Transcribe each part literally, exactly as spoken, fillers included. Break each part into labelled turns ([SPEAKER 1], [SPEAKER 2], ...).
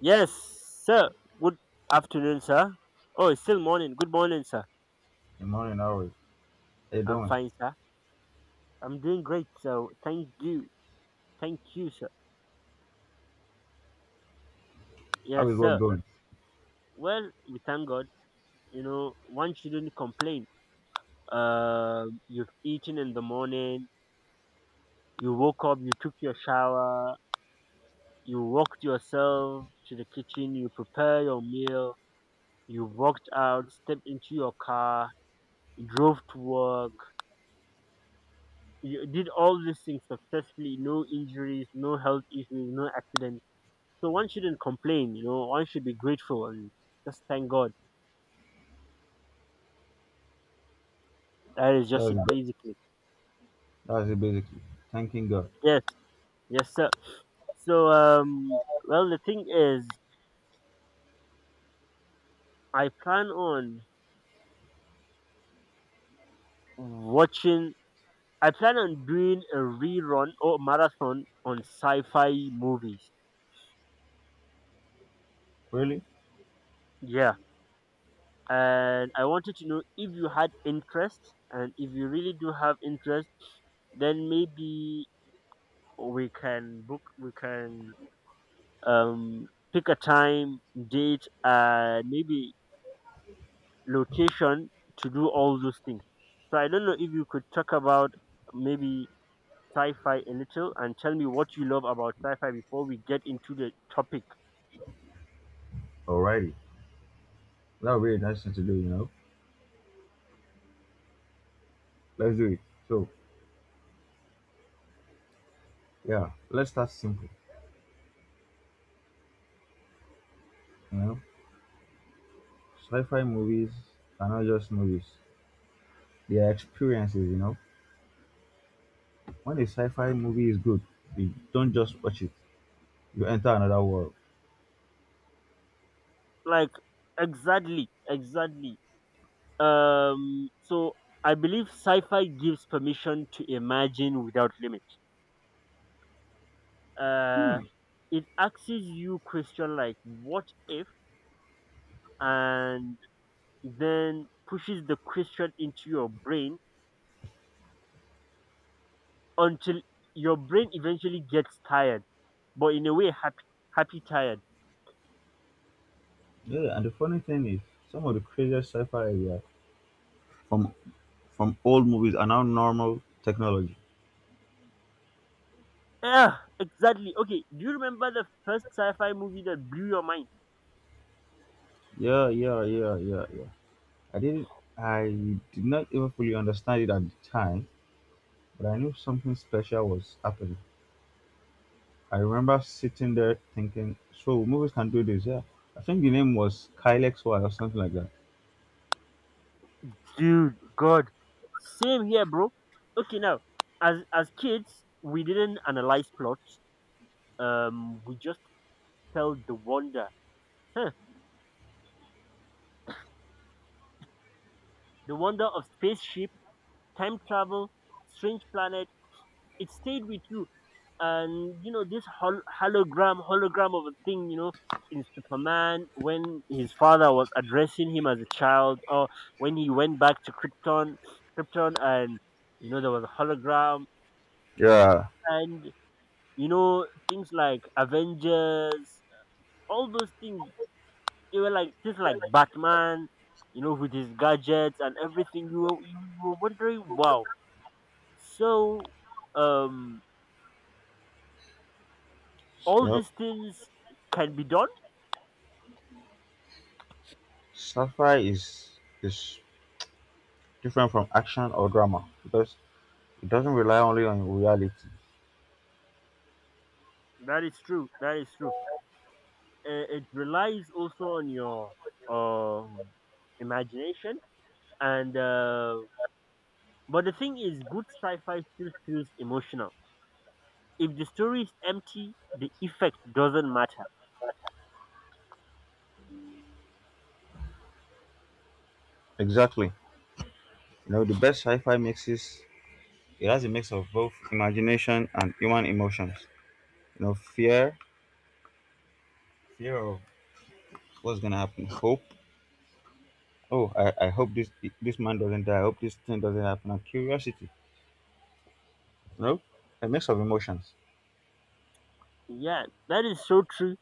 [SPEAKER 1] Yes, sir. Good afternoon, sir. Oh, it's still morning. Good morning, sir.
[SPEAKER 2] Good morning, how Hey,
[SPEAKER 1] I'm
[SPEAKER 2] doing?
[SPEAKER 1] fine, sir. I'm doing great, so thank you. Thank you, sir.
[SPEAKER 2] How
[SPEAKER 1] Yes,
[SPEAKER 2] is work
[SPEAKER 1] sir.
[SPEAKER 2] going?
[SPEAKER 1] Well, we thank God. You know, one shouldn't complain. Um, you've eaten in the morning, you woke up, you took your shower, you walked yourself to the kitchen, you prepare your meal, you walked out, stepped into your car, drove to work, you did all these things successfully, no injuries, no health issues, no accidents. So one shouldn't complain, you know, one should be grateful and just thank God. That is just
[SPEAKER 2] That's
[SPEAKER 1] it
[SPEAKER 2] ba-
[SPEAKER 1] basically.
[SPEAKER 2] that's it basically. Thanking God.
[SPEAKER 1] Yes, yes sir. So um well the thing is I plan on watching I plan on doing a rerun or marathon on sci fi movies.
[SPEAKER 2] Really?
[SPEAKER 1] Yeah. And I wanted to know if you had interest, and if you really do have interest, then maybe we can book we can um pick a time, date, and maybe location to do all those things. So I don't know if you could talk about maybe sci-fi a little and tell me what you love about sci-fi before we get into the topic.
[SPEAKER 2] Alrighty. That really nice thing to do, you know. Let's do it. So yeah, let's start simple. You know, sci-fi movies are not just movies; they are experiences. You know, when a sci-fi movie is good, you don't just watch it; you enter another world.
[SPEAKER 1] like exactly, exactly. Um so I believe sci-fi gives permission to imagine without limit. uh
[SPEAKER 2] Hmm.
[SPEAKER 1] it asks you question like, what if, and then pushes the question into your brain until your brain eventually gets tired, but in a way, happy, happy tired.
[SPEAKER 2] Yeah, and the funny thing is, some of the craziest sci-fi ideas from from old movies are now normal technology.
[SPEAKER 1] Yeah, exactly. Okay, do you remember the first sci-fi movie that blew your mind,
[SPEAKER 2] Yeah, yeah, yeah, yeah, yeah. I didn't I did not even fully understand it at the time, but I knew something special was happening. I remember sitting there thinking, so movies can do this, yeah. I think the name was Kylex Y or something like that.
[SPEAKER 1] dude? God, same here, bro. Okay, now as as kids, we didn't analyze plots. Um, we just felt the wonder, huh, the wonder of spaceship, time travel, strange planet. It stayed with you. And you know this hol- hologram hologram of a thing, you know, in Superman, when his father was addressing him as a child, or when he went back to krypton krypton, and you know there was a hologram.
[SPEAKER 2] Yeah.
[SPEAKER 1] And you know, things like Avengers, all those things, they were like things like Batman, you know, with his gadgets and everything. You were you were wondering, wow. So um
[SPEAKER 2] You
[SPEAKER 1] all
[SPEAKER 2] know,
[SPEAKER 1] these things can be done.
[SPEAKER 2] sci-fi is is different from action or drama because it doesn't rely only on reality.
[SPEAKER 1] That is true, that is true. Uh, it relies also on your um imagination. And uh, But the thing is, good sci-fi still feels emotional. If the story is empty, the effect doesn't matter.
[SPEAKER 2] Exactly. You know, the best sci-fi mixes it has a mix of both imagination and human emotions. You know, fear, fear of what's gonna happen, hope, oh I, I hope this this man doesn't die. I hope this thing doesn't happen, and curiosity, you know, a mix of emotions.
[SPEAKER 1] Yeah, that is so true.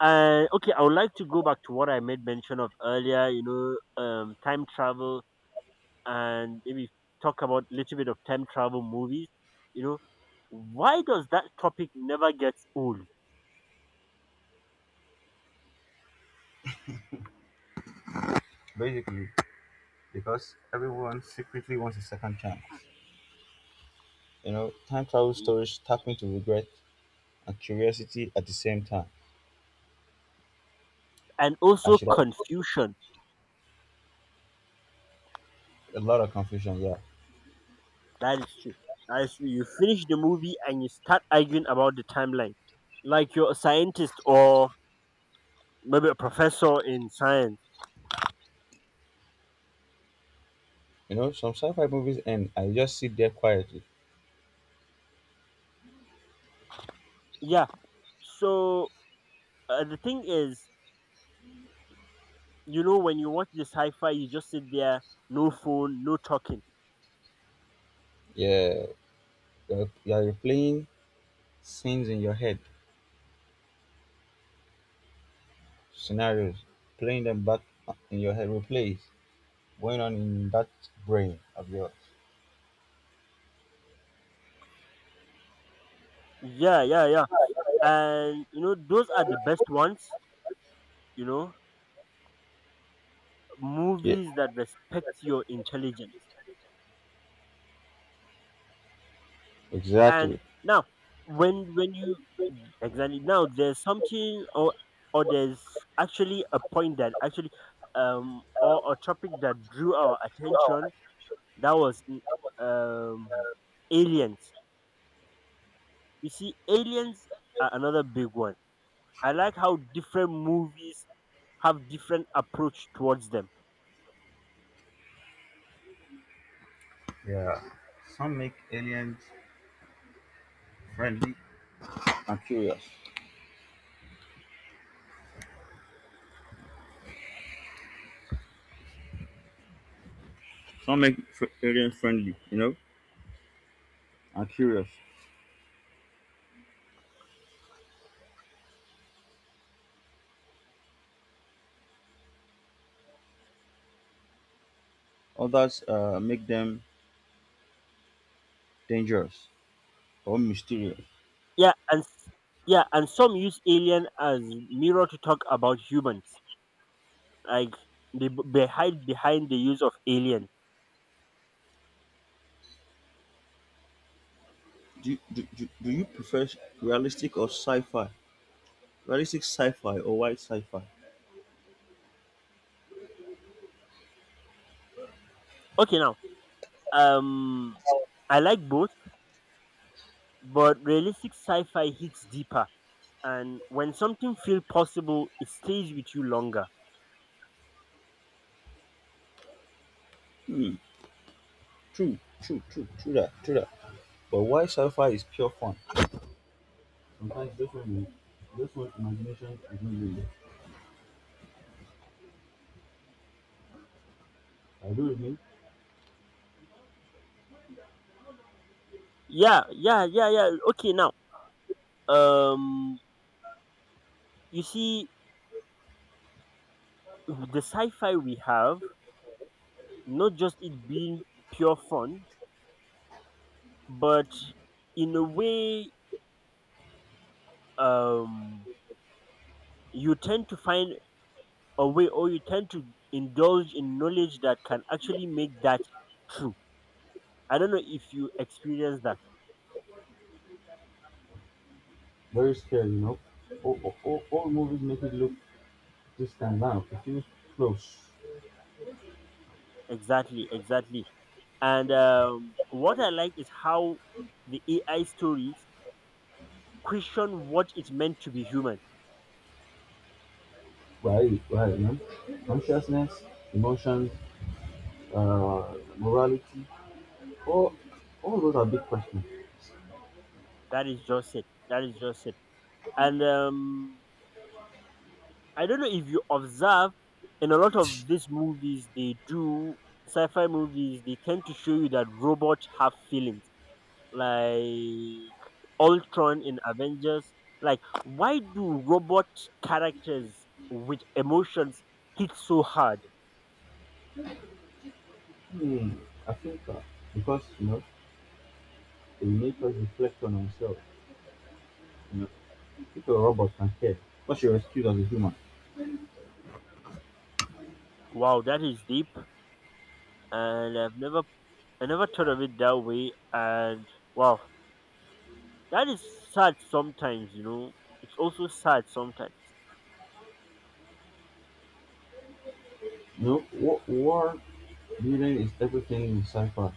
[SPEAKER 1] uh, Okay, I would like to go back to what I made mention of earlier, you know, um, time travel, and maybe talk about a little bit of time travel movies. You know, why does that topic never get old?
[SPEAKER 2] Basically because everyone secretly wants a second chance. You know, time travel
[SPEAKER 1] E-
[SPEAKER 2] stories tap into regret and curiosity at the same time.
[SPEAKER 1] and
[SPEAKER 2] I
[SPEAKER 1] also
[SPEAKER 2] should have
[SPEAKER 1] confusion.
[SPEAKER 2] a lot of confusion, yeah.
[SPEAKER 1] That is true. That is true. You finish the movie and you start arguing about the timeline, like you're a scientist or maybe a professor in science.
[SPEAKER 2] You know, some sci-fi movies and I just sit there quietly.
[SPEAKER 1] Yeah. So uh, the thing is, you know, when you watch the sci-fi, you just sit there, no phone, no talking.
[SPEAKER 2] Yeah, you're, you're replaying scenes in your head, scenarios, playing them back in your head, replays going on in that brain of yours.
[SPEAKER 1] Yeah, yeah, yeah. And you know, those are the best ones. You know,
[SPEAKER 2] Yeah.
[SPEAKER 1] movies that respect your intelligence.
[SPEAKER 2] Exactly.
[SPEAKER 1] And now, when when you exactly, now there's something, or or there's actually a point that actually um or a topic that drew our attention that was mm, um aliens. You see, aliens are another big one. I like how different movies have different approach towards them.
[SPEAKER 2] Yeah. Some make aliens friendly and curious. Some make fr- alien friendly, you know? And curious. Others uh, make them dangerous or mysterious.
[SPEAKER 1] Yeah, and s- yeah, and some use alien as mirror to talk about humans. Like, they b- they hide behind the use of alien.
[SPEAKER 2] Do, do, do, do you prefer realistic or sci-fi? Realistic sci-fi or white sci-fi?
[SPEAKER 1] Okay, now, um, I like both, but realistic sci-fi hits deeper, and when something feels possible, it stays with you longer.
[SPEAKER 2] Hmm. True, true, true, true that, true that. But white sci-fi is pure fun. Sometimes this one, this one imagination is not real. I do it mean
[SPEAKER 1] Yeah, yeah, yeah, yeah. Okay, now, um, you see, the sci-fi we have, not just it being pure fun, but in a way, um, you tend to find a way, or you tend to indulge in knowledge that can actually make that true. I don't know if you experience that.
[SPEAKER 2] very scary, you know. All, all, all movies make it look. This time round, confused flows
[SPEAKER 1] Exactly, exactly. And um, what I like is how the A I stories question what it meant to be human.
[SPEAKER 2] where, right, right. You know, consciousness, emotions, uh, morality, all, all those are big questions.
[SPEAKER 1] That is just it. That is just it. And um, I don't know if you observe, in a lot of these movies they do, sci-fi movies, they tend to show you that robots have feelings, like Ultron in Avengers. Like, why do robot characters with emotions hit so hard?
[SPEAKER 2] Hmm, I think uh, because you know they make us reflect on ourselves. You know, if a robot can care, what's your excuse as a human?
[SPEAKER 1] Wow, that is deep. And I've never I never thought of it that way. And wow, that is sad sometimes, you know. It's also sad sometimes.
[SPEAKER 2] You know, what war building is everything in cipher.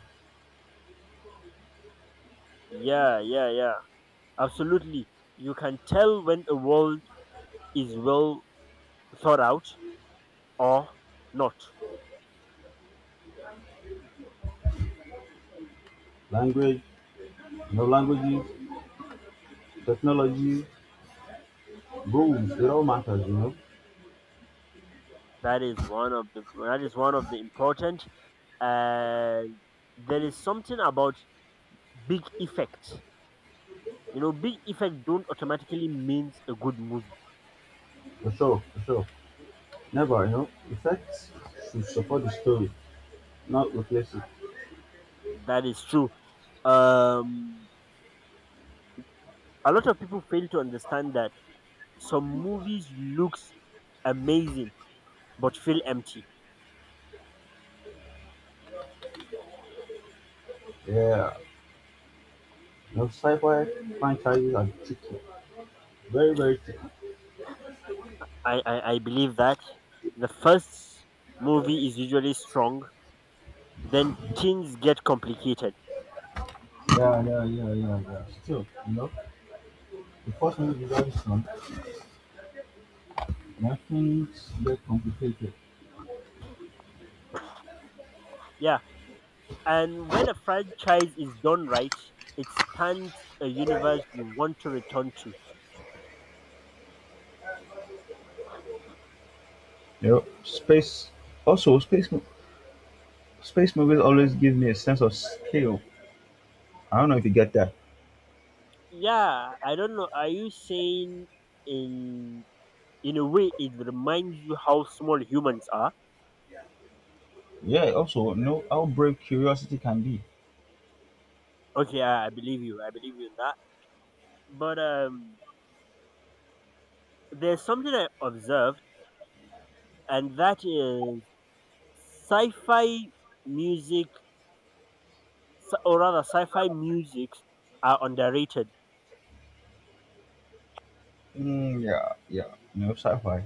[SPEAKER 1] Yeah, yeah, yeah. Absolutely. You can tell when a world is well thought out or not.
[SPEAKER 2] Language, you know, languages, technology, rules, it all matters, you know.
[SPEAKER 1] That is one of the that is one of the important. And there is something about big effect. You know, big effect don't automatically means a good movie.
[SPEAKER 2] For sure, for sure. Never, you know, effects should support the story, not replace it.
[SPEAKER 1] That is true. Um a lot of people fail to understand that some movies looks amazing but feel empty.
[SPEAKER 2] Yeah, no sci-fi franchises are tricky, very very tricky.
[SPEAKER 1] i i, I believe that the first movie is usually strong, then things get complicated.
[SPEAKER 2] Yeah, yeah, yeah, yeah, yeah. Still, you know, the first movie usually strong, and things get complicated.
[SPEAKER 1] Yeah, and when a franchise is done right, it stands a universe you want to return to.
[SPEAKER 2] You know, space. Also, space mo- Space movies always give me a sense of scale. I don't know if you get that.
[SPEAKER 1] Yeah, I don't know, are you saying, in in a way it reminds you how small humans are?
[SPEAKER 2] Yeah. Also, you know how brave curiosity can be.
[SPEAKER 1] Okay i, I believe you, I believe you in that, but um there's something I observed, and that is sci-fi music, s- or rather, sci-fi musics are underrated,
[SPEAKER 2] Mm, yeah, yeah. You know, sci-fi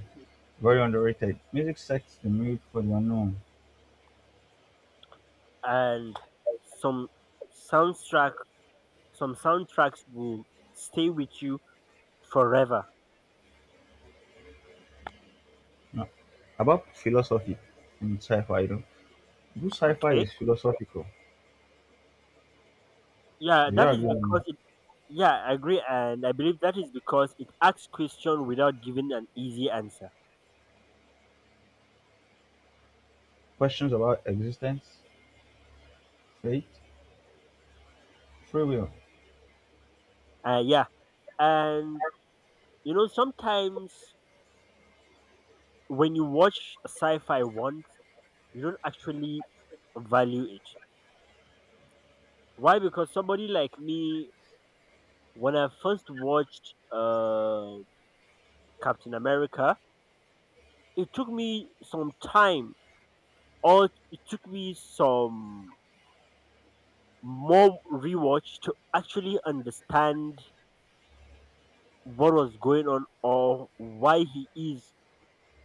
[SPEAKER 2] very underrated. Music sets the mood for the unknown.
[SPEAKER 1] and some soundtrack, some soundtracks will stay with you forever.
[SPEAKER 2] No. About philosophy in sci-fi, you know, good sci-fi
[SPEAKER 1] Okay,
[SPEAKER 2] is philosophical.
[SPEAKER 1] yeah,
[SPEAKER 2] Do you
[SPEAKER 1] that is
[SPEAKER 2] agree on
[SPEAKER 1] because it. Yeah, I agree, and I believe that is because it asks question without giving an easy answer.
[SPEAKER 2] questions about existence, fate, free will?
[SPEAKER 1] Uh, yeah, and you know sometimes when you watch sci-fi once, you don't actually value it. Why? Because somebody like me, when I first watched uh, Captain America, it took me some time, or it took me some more rewatch to actually understand what was going on or why he is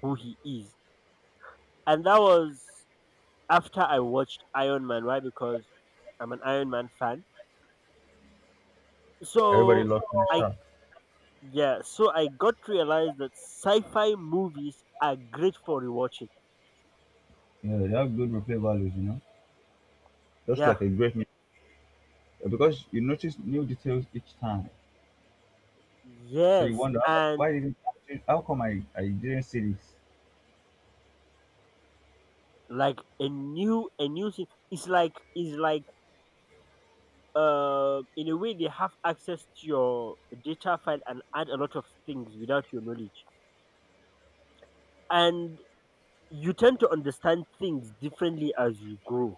[SPEAKER 1] who he is. And that was after I watched Iron Man. Why? Because I'm an Iron Man fan.
[SPEAKER 2] Everybody
[SPEAKER 1] So
[SPEAKER 2] loves new
[SPEAKER 1] I
[SPEAKER 2] stuff.
[SPEAKER 1] yeah, so I got to realize that sci-fi movies are great for rewatching.
[SPEAKER 2] Yeah, they have good replay values, you know. Just
[SPEAKER 1] Yeah,
[SPEAKER 2] like a great mu- Because you notice new details each time. So you
[SPEAKER 1] yes,
[SPEAKER 2] wonder, "How-
[SPEAKER 1] and
[SPEAKER 2] why didn't, how come I, I didn't see this?"
[SPEAKER 1] like a new a new thing. It's like it's like uh in a way they have access to your data file and add a lot of things without your knowledge, and you tend to understand things differently as you grow.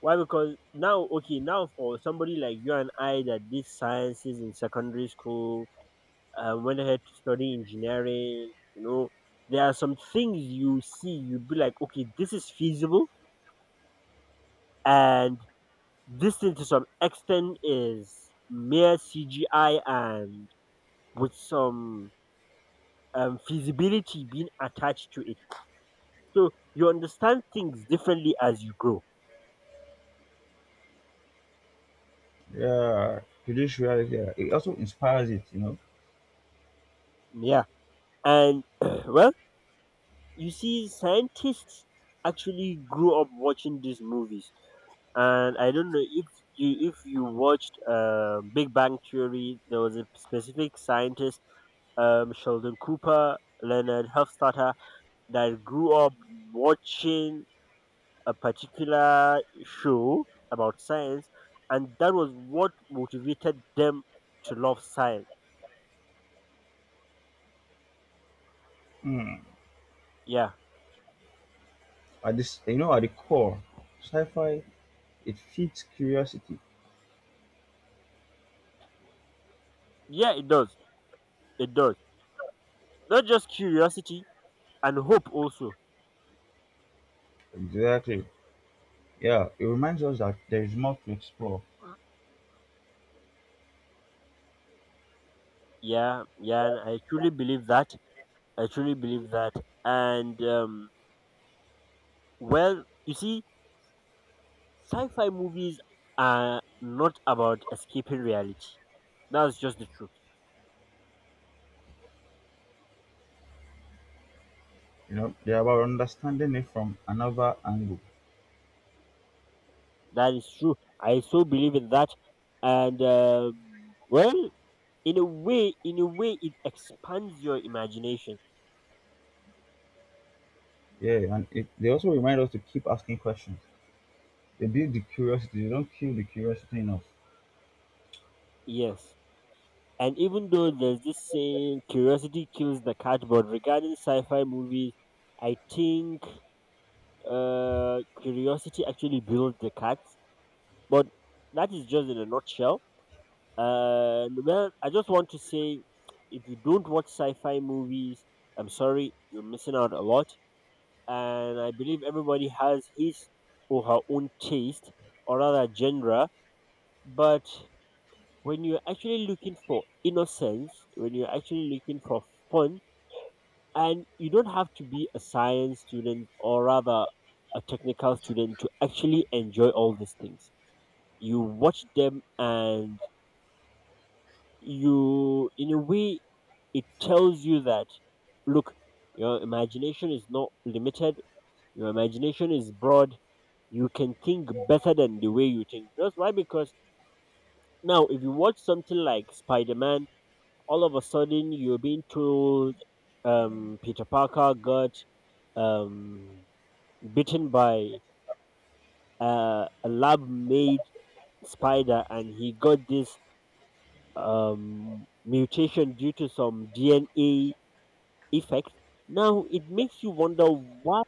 [SPEAKER 1] Why? Because now, okay, now for somebody like you and I that did sciences in secondary school, I went ahead to study engineering. You know, there are some things you see, you'd be like, okay, this is feasible, and this thing to some extent is mere C G I and with some um, feasibility being attached to it. So you understand things differently as you grow.
[SPEAKER 2] Yeah, today's reality. Yeah. It also inspires it, you know.
[SPEAKER 1] Yeah. And, well, you see, scientists actually grew up watching these movies. And I don't know if you if you watched uh, Big Bang Theory. There was a specific scientist, um, Sheldon Cooper, Leonard Hofstadter, that grew up watching a particular show about science, and that was what motivated them to love science.
[SPEAKER 2] Hmm.
[SPEAKER 1] Yeah,
[SPEAKER 2] At this, you know, at the core, sci-fi it feeds curiosity.
[SPEAKER 1] yeah, it does, it does. Not just curiosity, and hope also.
[SPEAKER 2] Exactly. Yeah, it reminds us that there is more to explore.
[SPEAKER 1] Yeah, yeah, and I truly believe that. I truly believe that, and um, well, you see, sci-fi movies are not about escaping reality. That's just the truth.
[SPEAKER 2] You know, they're about understanding it from another angle.
[SPEAKER 1] That is true. I so believe in that, and um, well, in a way, in a way, it expands your imagination.
[SPEAKER 2] Yeah, and it, they also remind us to keep asking questions. They build the curiosity, they don't kill the curiosity enough.
[SPEAKER 1] Yes, and even though there's this saying, "Curiosity kills the cat," but regarding sci-fi movies, I think, uh, curiosity actually builds the cat. But that is just in a nutshell. And well, I just want to say, if you don't watch sci fi movies, I'm sorry, you're missing out a lot. And I believe everybody has his or her own taste, or rather genre. But when you're actually looking for innocence, when you're actually looking for fun, and you don't have to be a science student, or rather a technical student, to actually enjoy all these things. You watch them, and you, in a way, it tells you that, look, your imagination is not limited, your imagination is broad, you can think better than the way you think. That's why, because now if you watch something like Spider-Man, all of a sudden you're being told, um Peter Parker got um bitten by uh, a lab made spider, and he got this um mutation due to some DNA effects. Now it makes you wonder, why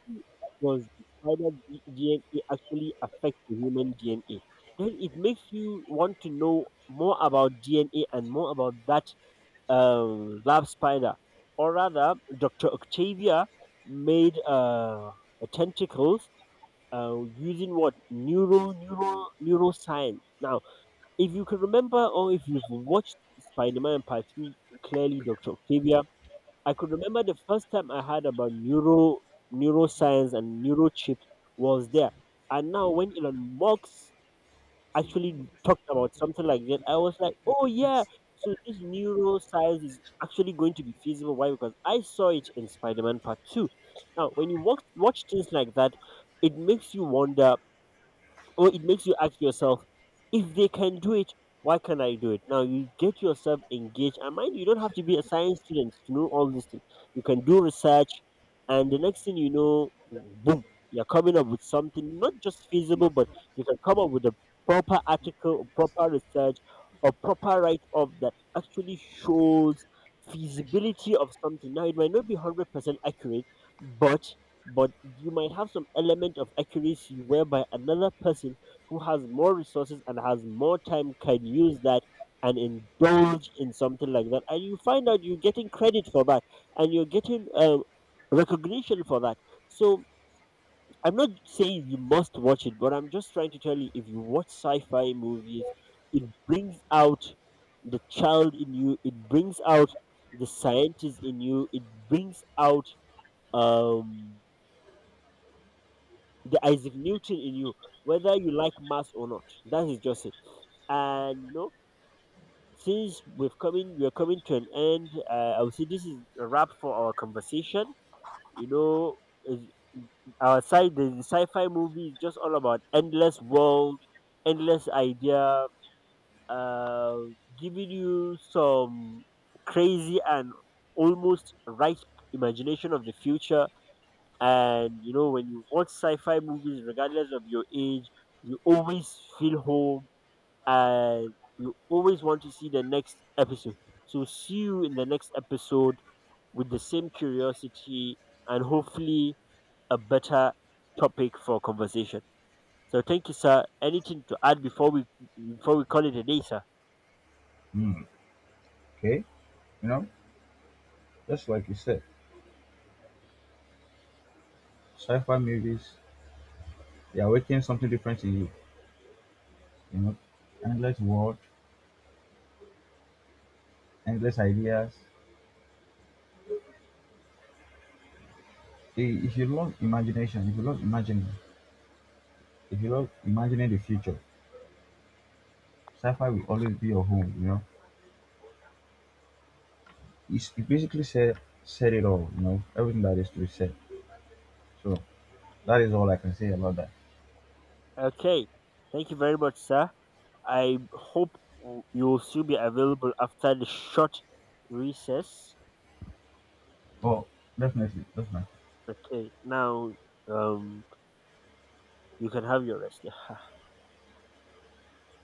[SPEAKER 1] does the spider D- DNA actually affect the human D N A? Then it makes you want to know more about D N A, and more about that um, lab spider, or rather, doctor Octavia made uh, a tentacles uh, using what, neural neural neuroscience. Now, if you can remember, or if you've watched Spider-Man Part Two, clearly doctor Octavia, I could remember the first time I heard about neuro neuroscience and neurochip was there. And now when Elon Musk actually talked about something like that, I was like, oh yeah, so this neuroscience is actually going to be feasible. Why? Because I saw it in Spider-Man Part Two. Now, when you watch watch things like that, it makes you wonder, or it makes you ask yourself, if they can do it, why can't I do it? Now you get yourself engaged, and mind you, you don't have to be a science student to know all these things. You can do research, and the next thing you know, boom, you're coming up with something not just feasible, but you can come up with a proper article, proper research, or proper write up that actually shows feasibility of something. Now it might not be hundred percent accurate, but but you might have some element of accuracy whereby another person who has more resources and has more time can use that and indulge in something like that, and you find out you're getting credit for that, and you're getting uh, recognition for that. So I'm not saying you must watch it, but I'm just trying to tell you, if you watch sci-fi movies, it brings out the child in you, it brings out the scientist in you, it brings out um the Isaac Newton in you, whether you like math or not. That is just it. And you know, since we've coming, we're coming to an end. Uh, I would say this is a wrap for our conversation. You know, is- our side, the sci-fi movie is just all about endless world, endless idea, uh, giving you some crazy and almost right imagination of the future. And you know, when you watch sci-fi movies, regardless of your age, you always feel home, and you always want to see the next episode. So see you in the next episode with the same curiosity, and hopefully a better topic for conversation. So thank you, sir. Anything to add before we before we call it a day, sir?
[SPEAKER 2] Hmm. Okay, you know, just like you said, sci-fi movies, they awaken something different in you. You know, endless world, endless ideas. I- if you love imagination, if you love imagining if you love imagining the future, sci-fi will always be your home. You know, it's, it basically said, said it all, you know, everything that is to be said. So that is all I can say about that.
[SPEAKER 1] Okay. Thank you very much, sir. I hope you will still be available after the short recess.
[SPEAKER 2] Well, definitely, definitely.
[SPEAKER 1] Okay, now, um, you can have your rest. Yeah?